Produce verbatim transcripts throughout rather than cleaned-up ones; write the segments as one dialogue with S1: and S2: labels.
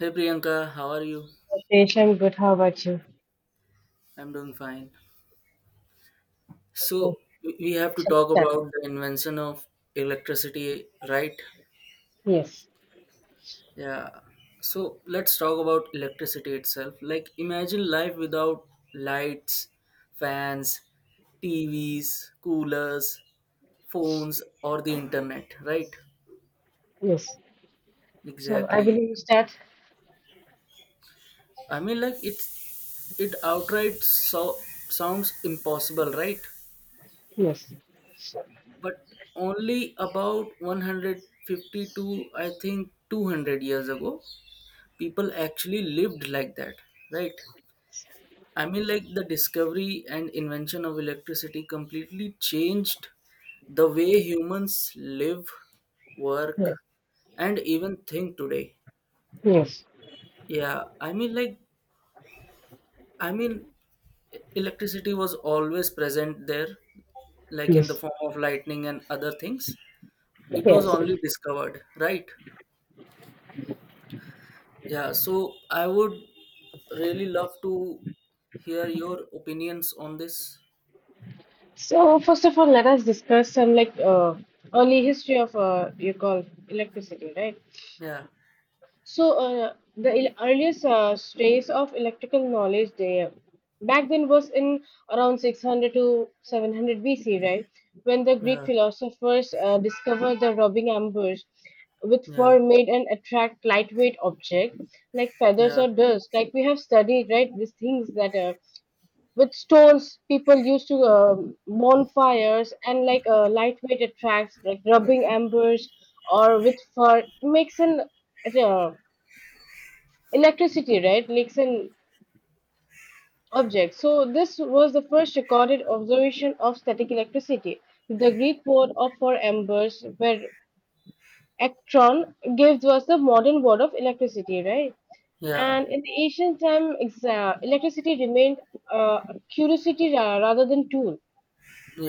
S1: Hey Priyanka, how are you?
S2: Ritesh, I'm good. How about you?
S1: I'm doing fine.
S2: Okay,
S1: So we we have to
S2: shall we
S1: talk
S2: start?
S1: about the invention of electricity, right?
S2: Yes,
S1: Yeah. So let's talk about electricity itself. Like imagine life without lights, fans, T Vs, coolers, phones or the internet, right?
S2: yes. So I
S1: Exactly.
S2: believe you start.
S1: I mean like it's it outright so sounds impossible, right?
S2: Yes, yes,
S1: But only about one hundred fifty-two, i think two hundred years ago people actually lived like that, right? I mean like the discovery and invention of electricity completely changed the way humans live, work, and even think today.
S2: yes,
S1: yeah i mean like i mean Electricity was always present there, like in the
S2: yes,
S1: form of lightning and other things. It was
S2: yes.
S1: only discovered, right? Yeah, so I would really love to hear your opinions on this.
S2: So first of all, let us discuss some like uh, early history of uh, you call electricity, right?
S1: Yeah,
S2: So, uh, the il- earliest uh, trace of electrical knowledge there back then was in around six hundred to seven hundred B C, right? When the Greek
S1: yeah,
S2: philosophers uh, discovered the rubbing ambush, which
S1: yeah,
S2: made and attract lightweight object like feathers
S1: yeah,
S2: or dust, like we have studied, right? These things that, uh, with stones, people used to uh, bonfires, and like uh, lightweight attracts like rubbing ambush or with fur makes an uh, electricity, right, leaks in objects. So this was the first recorded observation of static electricity. The Greek word of for embers, where electron, gives us the modern word of electricity, right?
S1: yeah,
S2: And in the ancient time, exa- electricity remained uh, a curiosity ra- rather than tool.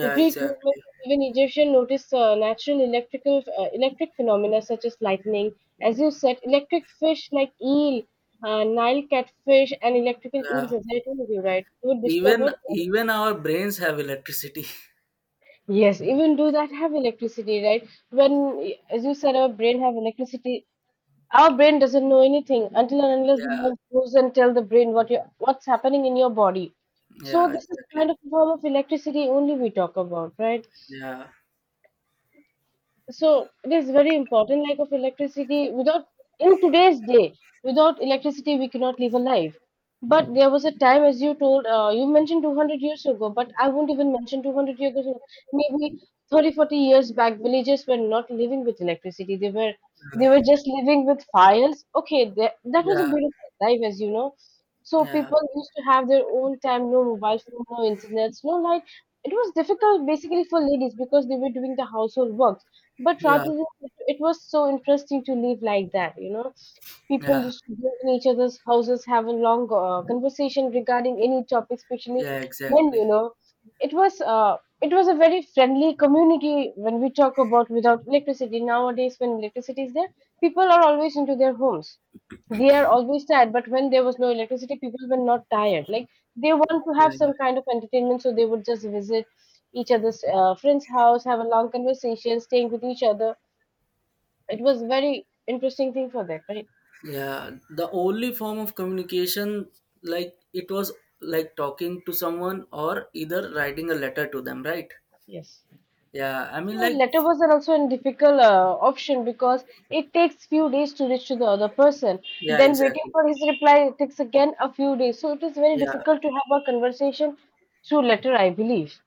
S2: The Greek, Roman,
S1: exactly.
S2: even Egyptian noticed uh, natural electrical uh, electric phenomena such as lightning. As you said, electric fish like eel, uh, Nile catfish, and electrical
S1: Yeah,
S2: eels, as I told you, right, were
S1: even
S2: discovered.
S1: even our brains have electricity.
S2: Yes, even do that have electricity, right? When, as you said, our brain have electricity. Our brain doesn't know anything until and unless the
S1: Yeah,
S2: nerve goes and tell the brain what you what's happening in your body. So
S1: yeah,
S2: this is
S1: exactly.
S2: kind of a form of electricity only we talk about, right?
S1: Yeah,
S2: So it is very important, like, of electricity without, in today's day, without electricity we cannot live a life. But there was a time, as you told, uh, you mentioned two hundred years ago, but I won't even mention two hundred years ago. Maybe thirty, forty years back, villages were not living with electricity. They were they were just living with fires. Okay, that, that was a
S1: yeah,
S2: beautiful life, as you know. So
S1: yeah,
S2: people used to have their own time. No mobile phone, no internet, no light. It was difficult basically for ladies, because they were doing the household work, but
S1: yeah,
S2: rather than, it was so interesting to live like that, you know. People
S1: yeah,
S2: used to go in each other's houses, have a long uh, conversation regarding any topic, especially
S1: yeah,
S2: men.
S1: exactly.
S2: You know, it was uh, it was a very friendly community when we talk about without electricity. Nowadays, when electricity is there, people are always into their homes. They are always tired, but when there was no electricity, people were not tired. Like, they want to have
S1: Yeah,
S2: some kind of entertainment, so they would just visit each other's uh, friend's house, have a long conversation, staying with each other. It was very interesting thing for them, right?
S1: yeah, the only form of communication, like it was like talking to someone or either writing a letter to them, right?
S2: Yes.
S1: yeah i mean
S2: So
S1: like
S2: letter are also a difficult uh, option, because it takes few days to reach to the other person.
S1: yeah,
S2: Then waiting
S1: exactly.
S2: for his reply takes again a few days. So it is very
S1: Yeah,
S2: difficult to have a conversation through letter, I believe.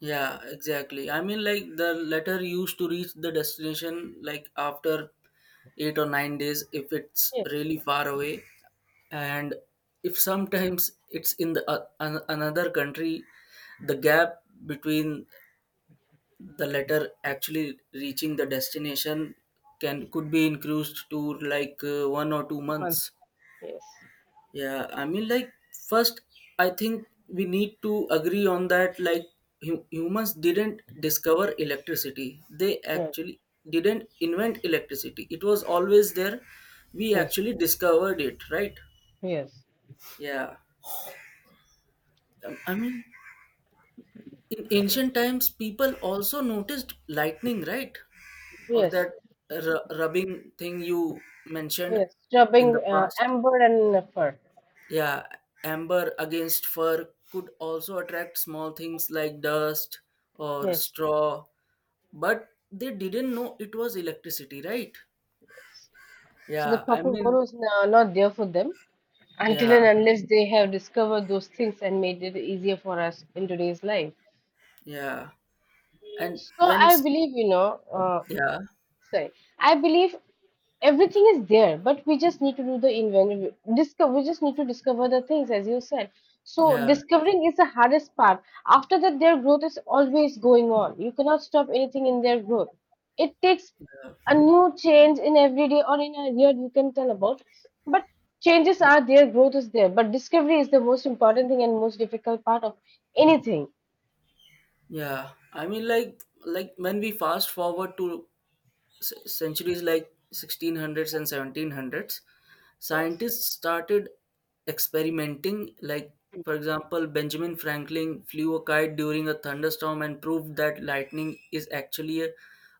S1: yeah, exactly. I mean like the letter used to reach the destination like after eight or nine days if it's
S2: Yes,
S1: really far away. And if sometimes it's in the uh, an, another country, the gap between the letter actually reaching the destination can could be increased to like uh, one or two
S2: months.
S1: months
S2: Yes,
S1: yeah i mean like First, I think we need to agree on that, like hu- humans didn't discover electricity. They
S2: yes,
S1: actually didn't invent electricity, it was always there. We
S2: yes,
S1: actually discovered it, right?
S2: yes,
S1: Yeah. I I mean in ancient times people also noticed lightning, right? Or
S2: yes,
S1: that r- rubbing thing you mentioned
S2: yes.
S1: in
S2: Rubbing
S1: the
S2: uh,
S1: past.
S2: amber and fur.
S1: Yeah, amber against fur could also attract small things like dust or
S2: Yes.
S1: straw, but they didn't know it was electricity, right?
S2: So the
S1: Yeah, I
S2: proper
S1: mean,
S2: word is uh, not there for them, until
S1: yeah,
S2: and unless they have discovered those things and made it easier for us in today's life.
S1: yeah, and
S2: So
S1: when
S2: I
S1: s-
S2: believe, you know, uh,
S1: yeah,
S2: sorry, I believe everything is there, but we just need to do the invent, discover. We just need to discover the things, as you said. So
S1: yeah,
S2: discovering is the hardest part. After that, their growth is always going on. You cannot stop anything in their growth. It takes
S1: yeah,
S2: a new change in every day or in a year, you can tell about, but changes are there, growth is there, but discovery is the most important thing and most difficult part of anything.
S1: yeah. I mean like like when we fast forward to c- centuries like sixteen hundreds and seventeen hundreds,
S2: Yes.
S1: scientists started experimenting. Like for example, Benjamin Franklin flew a kite during a thunderstorm and proved that lightning is actually a,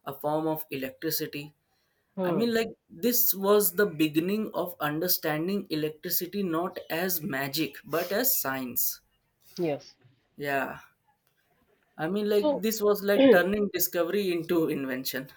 S1: a form of electricity. I
S2: Hmm.
S1: mean, like this was the beginning of understanding electricity not as magic but as science.
S2: Yes.
S1: Yeah, I mean, like
S2: So.
S1: this was like turning discovery into invention.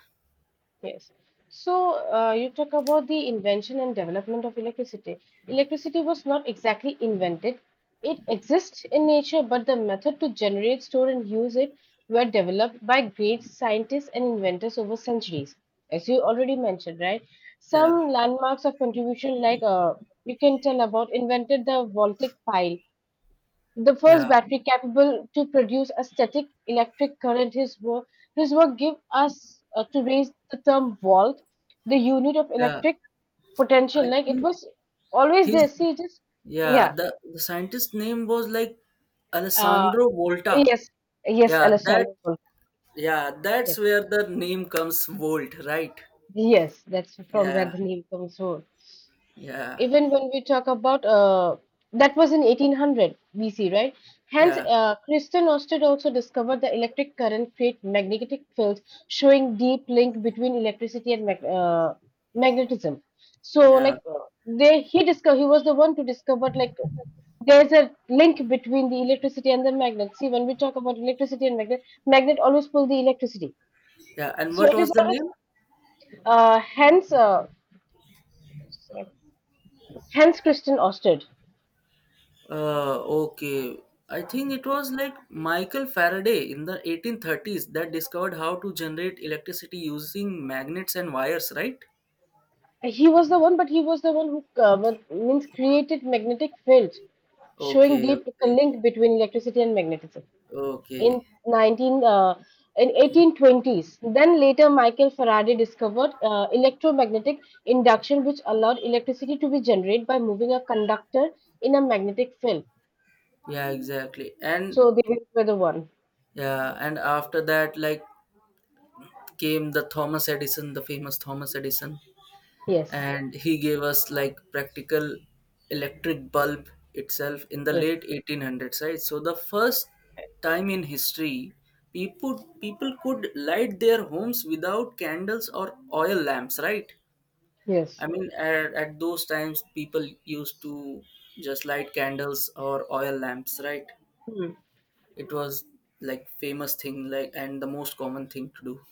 S2: Yes. So, uh, you talk about the invention and development of electricity. Electricity was not exactly invented. It exists in nature, but the method to generate, store, and use it were developed by great scientists and inventors over centuries, as you already mentioned, right?
S1: Yeah,
S2: Some landmarks of contribution, like, uh, you can tell about, invented the voltaic pile, the first
S1: yeah,
S2: battery capable to produce a static electric current. His work, his work gave us, uh, to raise the term volt, the unit of
S1: yeah,
S2: electric
S1: I
S2: potential. Like, it
S1: think.
S2: was always there.
S1: His
S2: See, just
S1: yeah,
S2: yeah,
S1: the, the scientist's name was like
S2: uh,
S1: Alessandro Volta.
S2: yes, yes,
S1: Yeah, that
S2: Alessandro. Volta.
S1: yeah, that's
S2: Yes,
S1: where the name comes, Volt, right?
S2: yes, that's from where
S1: Yeah,
S2: the name comes. From.
S1: yeah,
S2: Even when we talk about, uh, that was in eighteen hundred B C, right? Hence,
S1: yeah,
S2: uh, Christian Ørsted also discovered the electric current create magnetic fields, showing deep link between electricity and mag- uh, magnetism. So,
S1: yeah,
S2: like, uh, they he discovered. He was the one to discover, like, there's a link between the electricity and the magnet. See, when we talk about electricity and magnet, magnet always pull the electricity.
S1: yeah. And
S2: So
S1: what
S2: it
S1: was
S2: is
S1: the
S2: always
S1: name?
S2: uh, hence uh, hence Christian Ørsted.
S1: Uh, okay. I think it was like Michael Faraday in the eighteen thirties that discovered how to generate electricity using magnets and wires, right?
S2: He was the one, but he was the one who, uh, was- means, created magnetic fields, showing
S1: Okay,
S2: deep
S1: okay,
S2: link between electricity and magnetism
S1: okay.
S2: in nineteen uh, in eighteen twenties. Then later, Michael Faraday discovered uh, electromagnetic induction, which allowed electricity to be generated by moving a conductor in a magnetic field.
S1: Yeah, exactly. And
S2: So they were the one.
S1: yeah, and after that, like, came the Thomas Edison, the famous Thomas Edison,
S2: Yes,
S1: and he gave us like practical electric bulb itself in the
S2: yes,
S1: late eighteen hundreds, right? So the first time in history, people people could light their homes without candles or oil lamps, right? I
S2: yes.
S1: mean, at, at those times, people used to just light candles or oil lamps, right?
S2: Hmm.
S1: It was like famous thing, like, and the most common thing to do.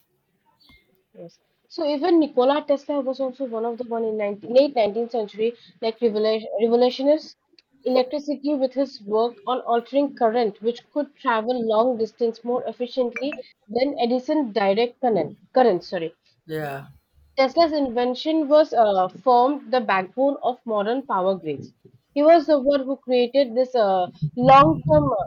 S2: Yes. So even Nikola Tesla was also one of the one in nineteen, late nineteenth century, like revolu- revolutionist electricity with his work on altering current, which could travel long distance more efficiently than Edison direct current. Current, sorry.
S1: Yeah,
S2: Tesla's invention was, uh, formed the backbone of modern power grids. He was the one who created this uh, long-term, uh,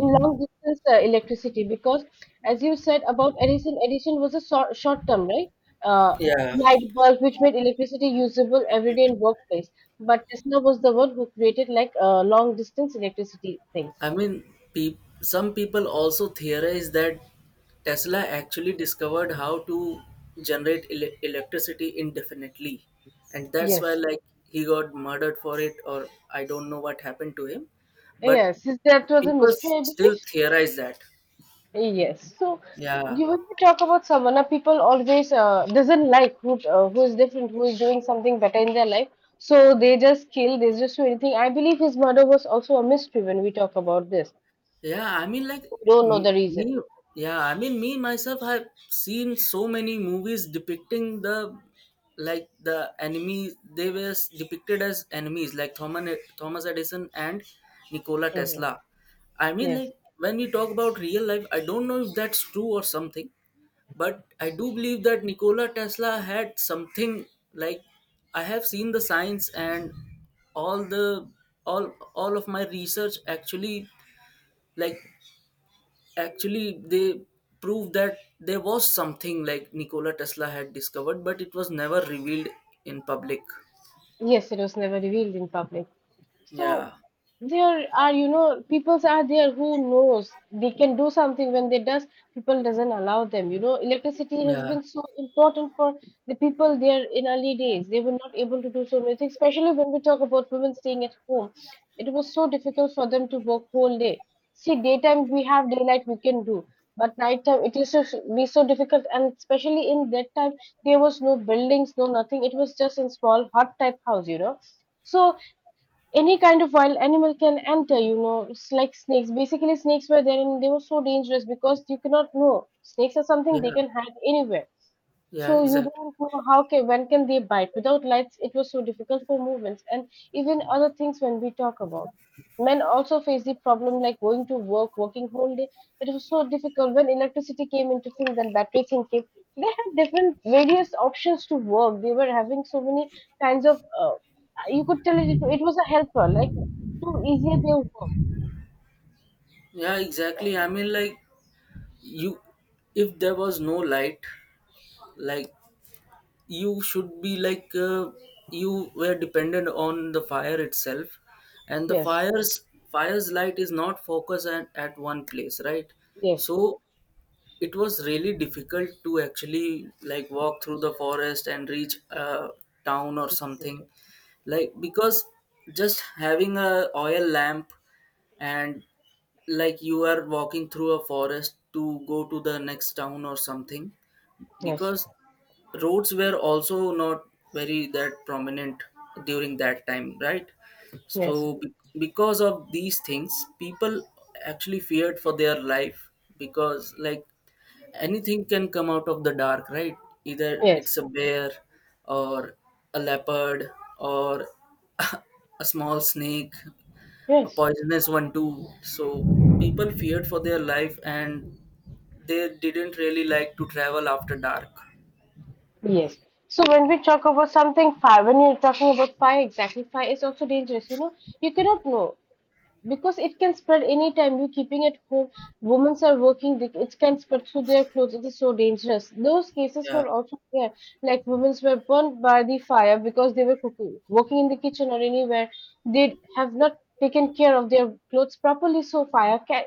S2: in long distance uh, electricity, because, as you said about Edison, Edison was a short, short term, right? Uh,
S1: yeah.
S2: light bulb which made electricity usable every day in workplace. But Tesla was the one who created like a long distance electricity thing.
S1: I mean, peop some people also theorize that Tesla actually discovered how to generate ele electricity indefinitely, and that's why
S2: Yes.
S1: like he got murdered for it, or I don't know what happened to him. But
S2: Yes. Is that was a
S1: people s-
S2: mystery, I
S1: still
S2: believe.
S1: theorize that.
S2: Yes. So
S1: Yeah,
S2: you, when you talk about someone, uh, people always uh, doesn't like who, uh, who is different, who is doing something better in their life. So they just kill, they just do anything. I believe his murder was also a mystery when we talk about this.
S1: yeah, I mean, like
S2: Don't know
S1: m-
S2: the reason.
S1: me. Yeah, I mean, me myself have seen so many movies depicting the like the enemies. They were s- depicted as enemies, like Thomas Thomas Edison and Nikola
S2: Hmm.
S1: Tesla. I mean,
S2: Yes.
S1: like when we talk about real life, I don't know if that's true or something, but I do believe that Nikola Tesla had something, like I have seen the science and all the all all of my research actually, like actually they proved that there was something like Nikola Tesla had discovered but it was never revealed in public.
S2: Yes, it was never revealed in public. So
S1: Yeah,
S2: there are, you know, peoples are there who knows they can do something when they does, people doesn't allow them. You know, electricity has
S1: yeah,
S2: been so important for the people there in early days. They were not able to do so many things, especially when we talk about women staying at home. It was so difficult for them to work whole day. See, daytime we have daylight we can do, but nighttime it used to be so difficult, and especially in that time there was no buildings, no nothing. It was just in small hut type house, you know. So any kind of wild animal can enter, you know. It's like snakes, basically. Snakes were there and they were so dangerous, because you cannot know. Snakes are something
S1: yeah,
S2: they can hide anywhere.
S1: yeah,
S2: So you
S1: exactly.
S2: don't know how can, when can they bite. Without lights, it was so difficult for movements, and even other things when we talk about. Men also face the problem, like going to work, working whole day. It was so difficult. When electricity came into thing, then battery thing came, they had different various options to work. They were having so many kinds of, uh, you could tell it, it was a helper, like, to easier their work.
S1: Yeah, exactly. I mean, like, you, if there was no light, like you should be like, uh, you were dependent on the fire itself, and the
S2: Yes,
S1: fire's fire's light is not focused at, at one place, right?
S2: yes,
S1: So it was really difficult to actually like walk through the forest and reach a town or
S2: yes,
S1: something. Like because just having a oil lamp and like you are walking through a forest to go to the next town or something,
S2: yes,
S1: because roads were also not very that prominent during that time, right? So be- because of these things, people actually feared for their life, because like anything can come out of the dark, right? Either
S2: yes,
S1: it's a bear, or a leopard, or a small snake, a
S2: yes,
S1: poisonous one too. So people feared for their life and they didn't really like to travel after dark.
S2: yes. So when we talk about something fire, when you're talking about fire, exactly, fire is also dangerous. You know, you cannot know. Because it can spread anytime, you keeping at home, women are working, they- it can spread through their clothes. It is so dangerous. Those cases were
S1: Yeah,
S2: also there, like women were burned by the fire because they were cooking, working in the kitchen or anywhere. They have not taken care of their clothes properly, so fire ca-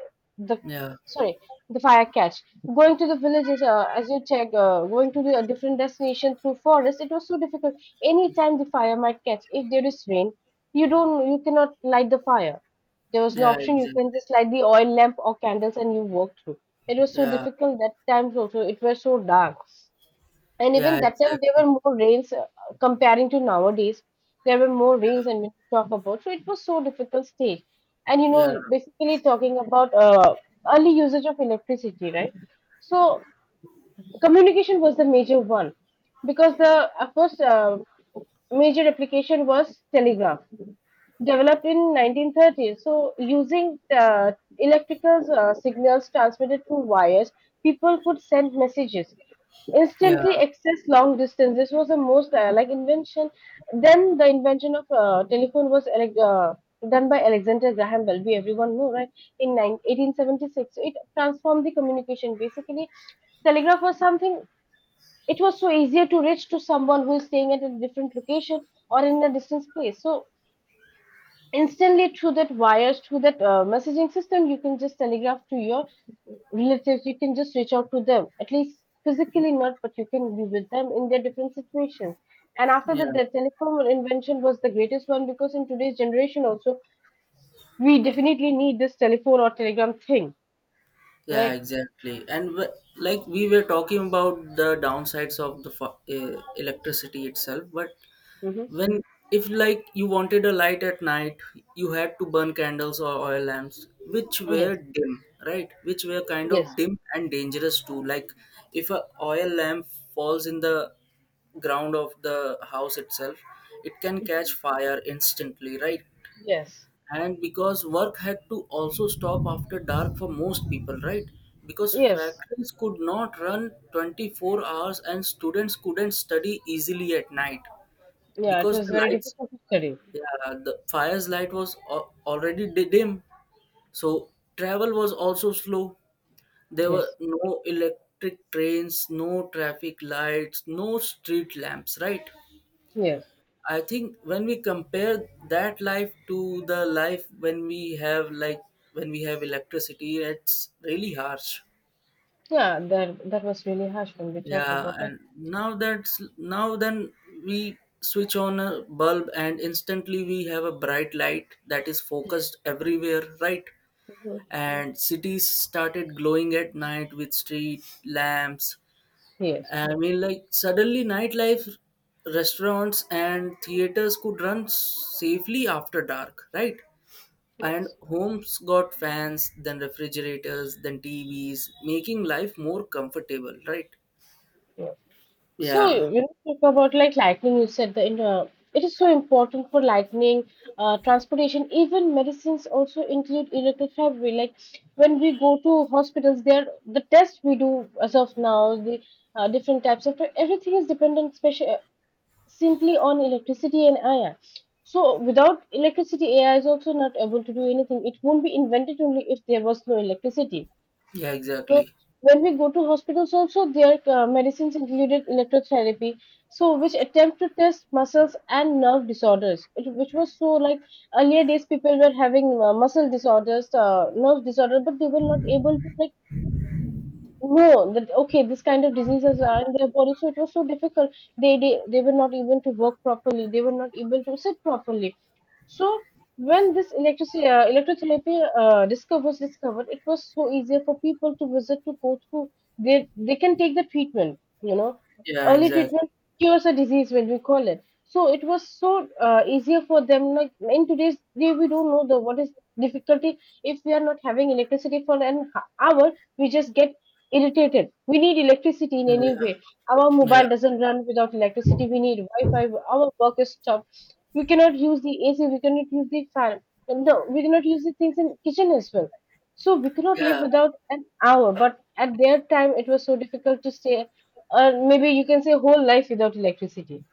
S2: the,
S1: yeah,
S2: sorry, the fire catch. Going to the villages, uh, as you check, uh, going to the a different destination through forest, it was so difficult. Anytime the fire might catch. If there is rain, you don't, you cannot light the fire. There was no
S1: yeah,
S2: option. You can
S1: exactly.
S2: just light the oil lamp or candles and you walk through. It was so
S1: Yeah,
S2: difficult that times also. It was so dark. And
S1: yeah,
S2: even that time there
S1: exactly.
S2: were more rains, uh, comparing to nowadays. There were more
S1: Yeah,
S2: rains and when you talk about. So it was so difficult stage. And you
S1: yeah,
S2: know, basically talking about, uh, early usage of electricity, right? So communication was the major one, because the uh, first uh, major application was telegraph developed in nineteen thirties. So, using uh, electrical uh, signals transmitted through wires, people could send messages
S1: yeah,
S2: instantly, access long distance. This was the most uh, like invention. Then the invention of uh, telephone was elec uh, done by Alexander Graham Bell, we everyone know, right, in 9 eighteen seventy-six. So it transformed the communication. Basically telegraph was something, it was so easier to reach to someone who is staying at a different location or in a distant place. So instantly through that wires, through that uh, messaging system you can just telegraph to your relatives, you can just reach out to them, at least physically not, but you can be with them in their different situations. And after
S1: yeah.
S2: that the telephone invention was the greatest one, because in today's generation also we definitely need this telephone or telegram thing,
S1: Yeah,
S2: right?
S1: exactly. And w- like we were talking about the downsides of the fu- uh, electricity itself, but
S2: Hmm,
S1: when, if like you wanted a light at night, you had to burn candles or oil lamps, which
S2: yes,
S1: were dim, right? Which were kind of
S2: yes.
S1: dim and dangerous too. Like if a oil lamp falls in the ground of the house itself, it can catch
S2: Hmm,
S1: fire instantly, right?
S2: yes,
S1: And because work had to also stop after dark for most people, right? Because
S2: yes.
S1: factories could not run twenty-four hours and students couldn't study easily at night.
S2: Yeah, it
S1: Because
S2: was
S1: the
S2: very
S1: lights,
S2: difficult to study.
S1: yeah, the fire's light was al- already di- dim. So travel was also slow. There were
S2: Yes,
S1: no electric trains, no traffic lights, no street lamps, right?
S2: yes.
S1: I think when we compare that life to the life when we have like, when we have electricity, it's really harsh.
S2: Yeah, that that was really harsh when we talked
S1: Yeah,
S2: about like
S1: and now that's now, then we switch on a bulb and instantly we have a bright light that is focused everywhere, right?
S2: mhm.
S1: And cities started glowing at night with street lamps.
S2: Yes.
S1: I mean, like suddenly nightlife, restaurants and theaters could run safely after dark, right? And
S2: Yes.
S1: homes got fans, then refrigerators, then T Vs, making life more comfortable, right?
S2: Yes. So
S1: Yeah,
S2: you know, talk about like lightning. You said the inter- it is so important for lightning, uh, transportation. Even medicines also include electric. Like when we go to hospitals, there the tests we do as of now, the uh, different types of everything is dependent special simply on electricity and A I. So without electricity, A I is also not able to do anything. It won't be invented only if there was no electricity.
S1: yeah,
S2: So
S1: exactly.
S2: when we go to hospitals also, their uh, medicines included electrotherapy, so which attempt to test muscles and nerve disorders, it, which was so like earlier days people were having uh, muscle disorders, uh, nerve disorder, but they were not able to like no, that okay, this kind of diseases are in their body, so it was so difficult. They, they they were not able to work properly. They were not able to sit properly. So when this electricity uh, electrotherapy uh, discover was discovered, it was so easier for people to visit to go through. They they can take the treatment. You know,
S1: Yeah,
S2: early
S1: exactly.
S2: treatment cures a disease when we call it. So it was so uh, easier for them. Like in today's day, we don't know the what is difficulty if we are not having electricity for an h- hour. We just get irritated. We need electricity in
S1: Yeah,
S2: any way. Our
S1: yeah,
S2: mobile doesn't run without electricity. We need Wi-Fi. Our work is stopped. We cannot use the A C. We cannot use the fan. And the, we cannot use the things in kitchen as well. So we cannot live
S1: yeah,
S2: without an hour. But at their time, it was so difficult to stay. Or maybe you can say whole life without electricity,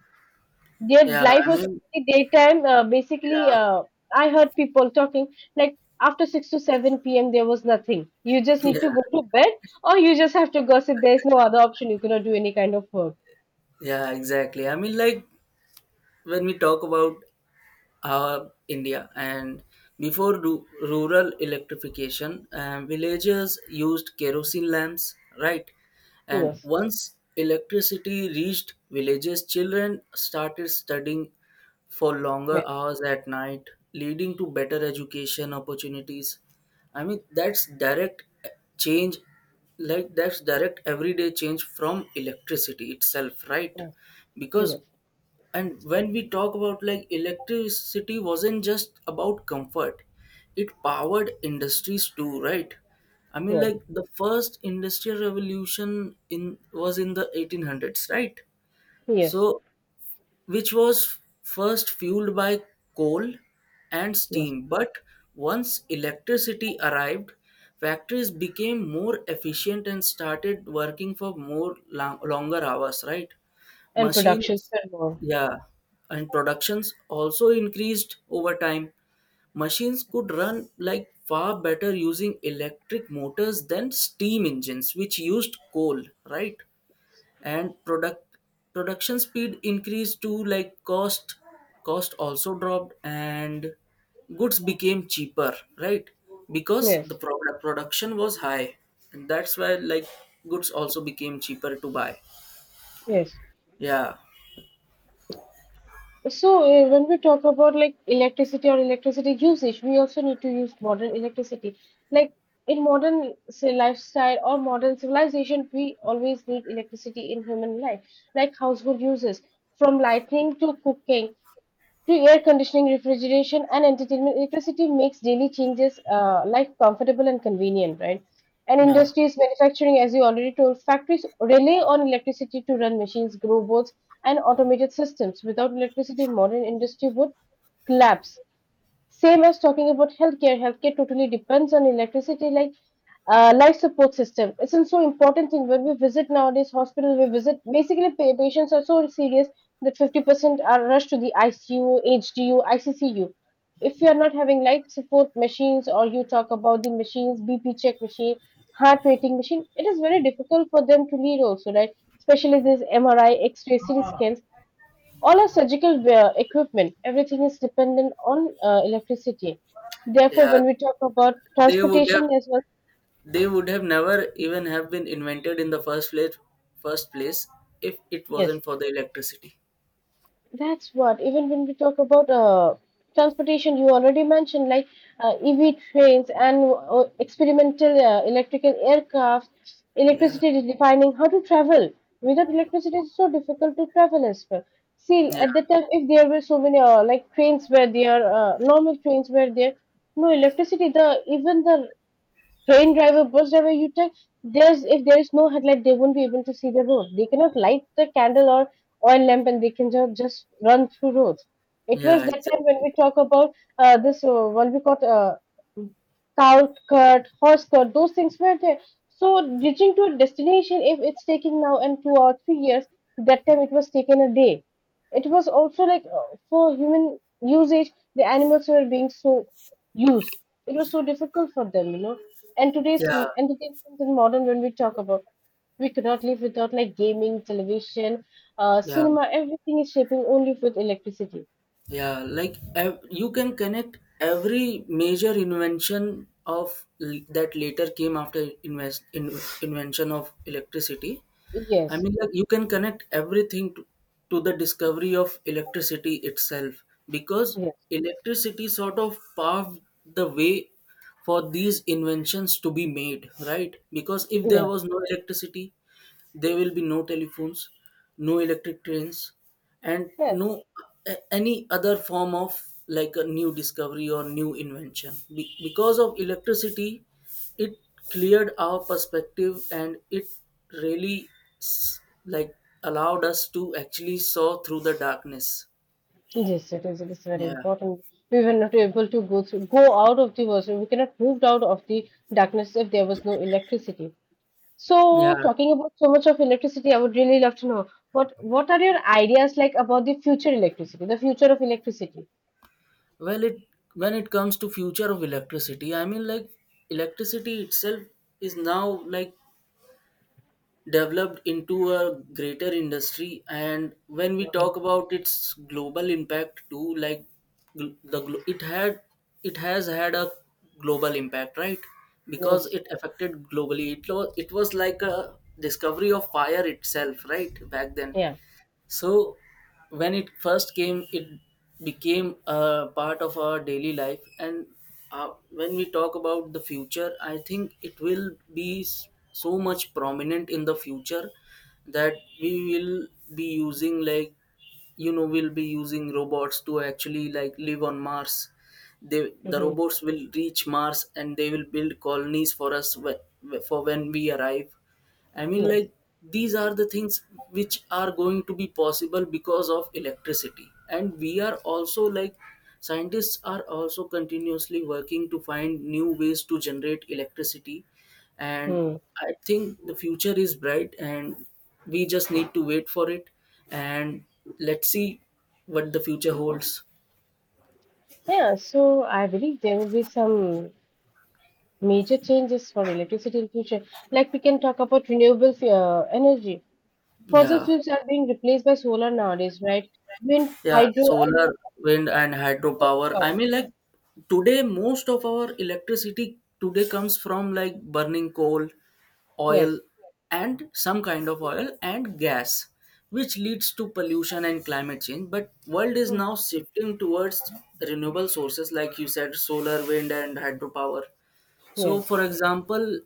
S2: their
S1: yeah.
S2: life
S1: I
S2: was
S1: mean,
S2: only daytime. Uh, basically,
S1: yeah,
S2: uh, I heard people talking like after six to seven p m there was nothing. You just
S1: yeah,
S2: need to go to bed or you just have to gossip. There's no other option. You cannot do any kind of work.
S1: yeah, exactly. I mean, like when we talk about uh, India. And before ru- rural electrification, uh, villagers used kerosene lamps, right? And
S2: Yes,
S1: once electricity reached villages, children started studying for longer
S2: yes,
S1: hours at night, leading to better education opportunities. I mean, that's direct change, like that's direct everyday change from electricity itself, right?
S2: yes,
S1: Because,
S2: yes,
S1: and when we talk about like, electricity wasn't just about comfort, it powered industries too, right? I mean,
S2: yes,
S1: like the first industrial revolution in was in the eighteen hundreds, right?
S2: yes,
S1: So which was first fueled by coal and
S2: yes.
S1: steam. But once electricity arrived, factories became more efficient and started working for more long, longer hours, right?
S2: And productions
S1: Machines,
S2: and more.
S1: yeah, and productions also increased over time. Machines could run like far better using electric motors than steam engines, which used coal, right? And product production speed increased too. Like cost cost also dropped and goods became cheaper, right? Because the
S2: Yes,
S1: product production was high, and that's why like goods also became cheaper to buy.
S2: yes.
S1: Yeah,
S2: So, uh, when we talk about like electricity or electricity usage, we also need to use modern electricity. Like in modern say, lifestyle or modern civilization, we always need electricity in human life, like household uses, from lighting to cooking through air conditioning, refrigeration, and entertainment, electricity makes daily changes uh, life comfortable and convenient, right? And
S1: no.
S2: industries, manufacturing, as you already told, factories rely on electricity to run machines, grow boats, and automated systems. Without electricity, modern industry would collapse. Same as talking about healthcare, healthcare totally depends on electricity, like uh, life support system. It's a so important thing when we visit nowadays hospital. We visit basically pa- patients are so serious that fifty percent are rushed to the I C U, H D U, I C C U. If you are not having life support machines, or you talk about the machines, B P check machine, heart rating machine, it is very difficult for them to lead also, right? Especially this M R I, X-ray, C T scans, all our surgical wear, equipment, everything is dependent on uh, electricity. Therefore,
S1: Yeah,
S2: when we talk about
S1: they would have
S2: transportation as well,
S1: they would have never even have been invented in the first place first place if it
S2: yes,
S1: wasn't for the electricity.
S2: that's what. Even when we talk about uh, transportation, you already mentioned like uh, E V trains and uh, experimental uh, electrical aircraft.
S1: Yeah,
S2: Electricity is defining how to travel. Without electricity, it's so difficult to travel as well. See,
S1: yeah,
S2: at the time, if there were so many uh, like trains where there, uh, normal trains were there, no electricity the even the train driver, bus driver, you tell there's if there is no headlight, they won't be able to see the road. They cannot light the candle or oil lamp, and they can ju- just run through roads. It was
S1: yeah,
S2: that time when
S1: exactly.
S2: we talk about uh, this uh, what we call uh, cow cut, horse cut, those things were there. So reaching to a destination, if it's taking now and two or three years, that time it was taken a day. It was also like uh, for human usage, the animals were being so used, it was so difficult for them, you know. And today's
S1: Yeah,
S2: m- entertainment in modern, when we talk about, we cannot live without like gaming, television, uh,
S1: yeah,
S2: cinema. Everything is shaping only with electricity.
S1: yeah, like ev- you can connect every major invention of l- that later came after invest in- invention of electricity. I
S2: Yes,
S1: mean, like you can connect everything to, to the discovery of electricity itself, because
S2: yes,
S1: electricity sort of paved the way for these inventions to be made, right? Because if there
S2: yeah,
S1: was no electricity, there will be no telephones, no electric trains, and
S2: yes, yes.
S1: no a- any other form of like a new discovery or new invention. Be- because of electricity, it cleared our perspective and it really s- like allowed us to actually saw through the darkness.
S2: It is. It is very
S1: Yeah.
S2: important. We were not able to go through, go out of the world, so we cannot move out of the darkness if there was no electricity. So,
S1: Yeah,
S2: talking about so much of electricity, I would really love to know what what are your ideas like about the future electricity, the future of electricity?
S1: well, it when it comes to future of electricity, I mean like, electricity itself is now like developed into a greater industry, and when we talk about its global impact too, like gl- the glo- it had, it has had a global impact, right? Because
S2: Yes.
S1: it affected globally, it, was it was like a discovery of fire itself, right, back then.
S2: Yeah.
S1: So when it first came, it became a part of our daily life. And uh, when we talk about the future, I think it will be s- so much prominent in the future, that we will be using like, you know, we'll be using robots to actually like live on Mars. They, the
S2: Hmm.
S1: robots will reach Mars and they will build colonies for us wh- for when we arrive. I mean,
S2: Yes.
S1: like, these are the things which are going to be possible because of electricity. And we are also like, scientists are also continuously working to find new ways to generate electricity. And
S2: Hmm.
S1: I think the future is bright and we just need to wait for it. And let's see what the future holds.
S2: Yeah. So I believe there will be some major changes for electricity in future. Like we can talk about renewable f- uh, energy. Fossil
S1: Yeah.
S2: fuels are being replaced by solar nowadays, right? Wind,
S1: Yeah,
S2: hydro, and
S1: solar, wind, and
S2: water
S1: hydropower.
S2: power.
S1: I mean, like today, most of our electricity today comes from like burning coal, oil,
S2: Yes.
S1: and some kind of oil and gas, which leads to pollution and climate change. But world is
S2: Mm.
S1: now shifting towards renewable sources, like you said, solar, wind, and hydropower. So
S2: Yes.
S1: for example,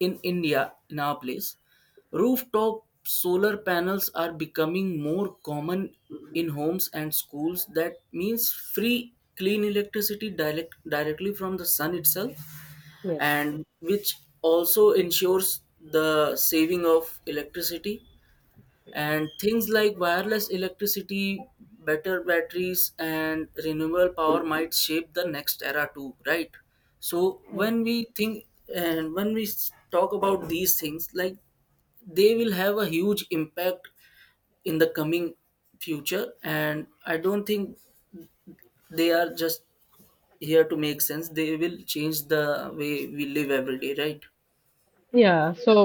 S1: in India, in our place, rooftop solar panels are becoming more common in homes and schools. That means free, clean electricity direct, directly from the sun itself,
S2: Yes.
S1: and which also ensures the saving of electricity. And things like wireless electricity, better batteries and renewable power might shape the next era too, right? So
S2: Mm.
S1: when we think, and when we s- talk about these things, like they will have a huge impact in the coming future. And I don't think they are just here to make sense. They will change the way we live every day, right?
S2: Yeah. So,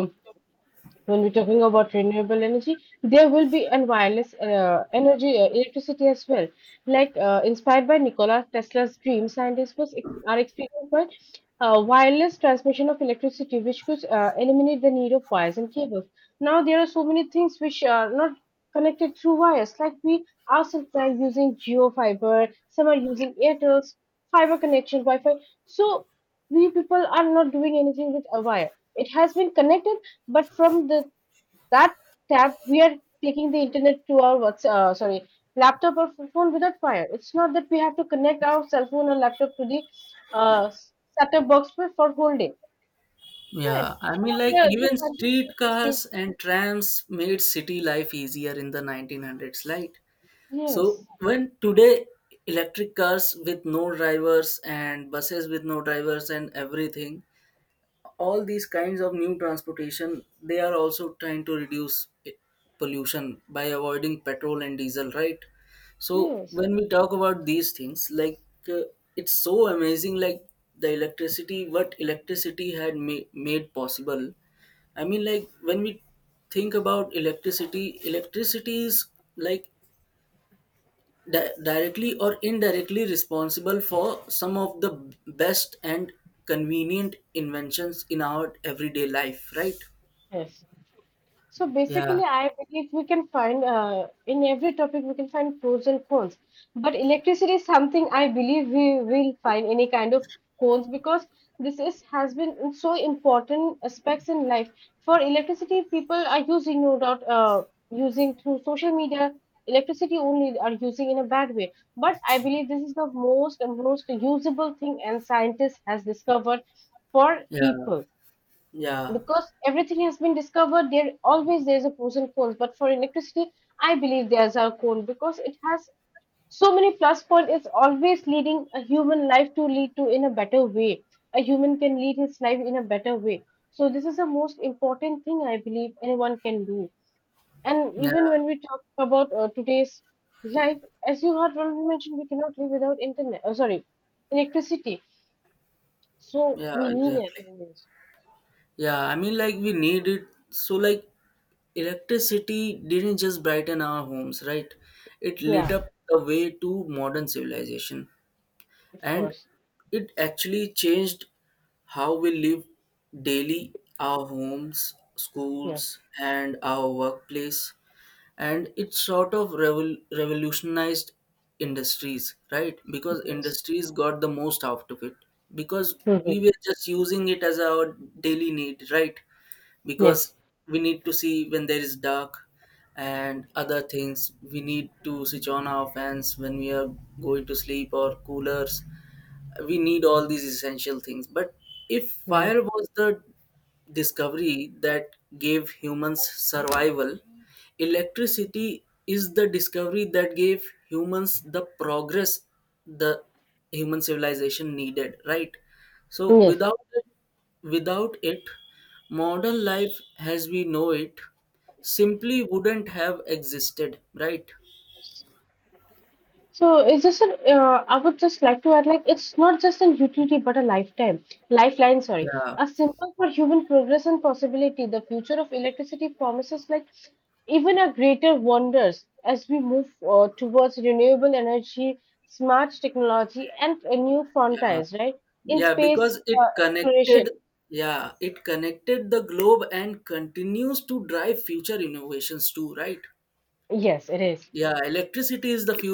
S2: when we're talking about renewable energy, there will be an wireless uh, energy, uh, electricity as well. Like uh, inspired by Nikola Tesla's dream, scientists was ex- are experimenting with uh, wireless transmission of electricity, which could uh, eliminate the need of wires and cables. Now there are so many things which are not connected through wires, like we ourselves are using geo fiber, some are using Airtel's fiber connection, Wi-Fi. So we people are not doing anything with a wire. It has been connected but from the that tab, we are taking the internet to our what's uh, sorry laptop or phone without wire. It's not that we have to connect our cell phone or laptop to the uh, set-top box for, for whole day. Right.
S1: Yeah, I
S2: So
S1: mean, like,
S2: there, this,
S1: even
S2: this,
S1: streetcars and trams made city life easier in the nineteen hundreds, right? So
S2: yes,
S1: when today, electric cars with no drivers and buses with no drivers and everything, all these kinds of new transportation, they are also trying to reduce i- pollution by avoiding petrol and diesel, right? So
S2: yes,
S1: when we talk about these things, like, uh, it's so amazing like the electricity, what electricity had ma- made possible. I mean, like when we think about electricity, electricity is like di- directly or indirectly responsible for some of the best and convenient inventions in our everyday life, right?
S2: yes. So basically,
S1: Yeah,
S2: I believe we can find uh, in every topic we can find pros and cons. But electricity is something I believe we will find any kind of cons because this is has been in so important aspects in life. For electricity, people are using no doubt uh, using through social media. Electricity only are using in a bad way. But I believe this is the most and most usable thing and scientists has discovered for
S1: yeah,
S2: people,
S1: yeah,
S2: because everything has been discovered there always there's a pros and cons, but for electricity I believe there's a con because it has so many plus point. It's always leading a human life to lead to in a better way, a human can lead his life in a better way, so this is the most important thing I believe anyone can do. And
S1: yeah,
S2: even when we talk about uh, today's life, as you had already mentioned, we cannot live without internet, oh, sorry, electricity. So
S1: yeah,
S2: we need it
S1: exactly.
S2: always.
S1: Yeah, I mean, like we need it so like, electricity didn't just brighten our homes, right? It lit
S2: Yeah,
S1: up the way to modern civilization.
S2: of
S1: And
S2: course.
S1: it actually changed how we live daily, our homes,
S2: Yes.
S1: schools, and our workplace. And it sort of revol- revolutionized industries, right? Because
S2: Yes.
S1: industries got the most out of it, because
S2: Hmm.
S1: we were just using it as our daily need, right?
S2: Yes.
S1: Because we need to see when there is dark, and other things. We need to switch on our fans when we are going to sleep, or coolers. We need all these essential things. But if
S2: Hmm.
S1: fire was the discovery that gave humans survival, electricity is the discovery that gave humans the progress the human civilization needed, right? So
S2: Yes.
S1: without it, without it modern life as we know it simply wouldn't have existed, right?
S2: So it's just an, uh, I would just like to add, like, it's not just a utility, but a lifetime, lifeline, sorry.
S1: Yeah,
S2: A symbol for human progress and possibility. The future of electricity promises, like, even a greater wonders as we move uh, towards renewable energy, smart technology, and uh, new
S1: yeah.
S2: frontiers, right? In
S1: Yeah, because
S2: space
S1: it
S2: uh,
S1: connected,
S2: exploration.
S1: yeah, it connected the globe and continues to drive future innovations too, right?
S2: Yes, it is.
S1: Yeah, electricity is the fuel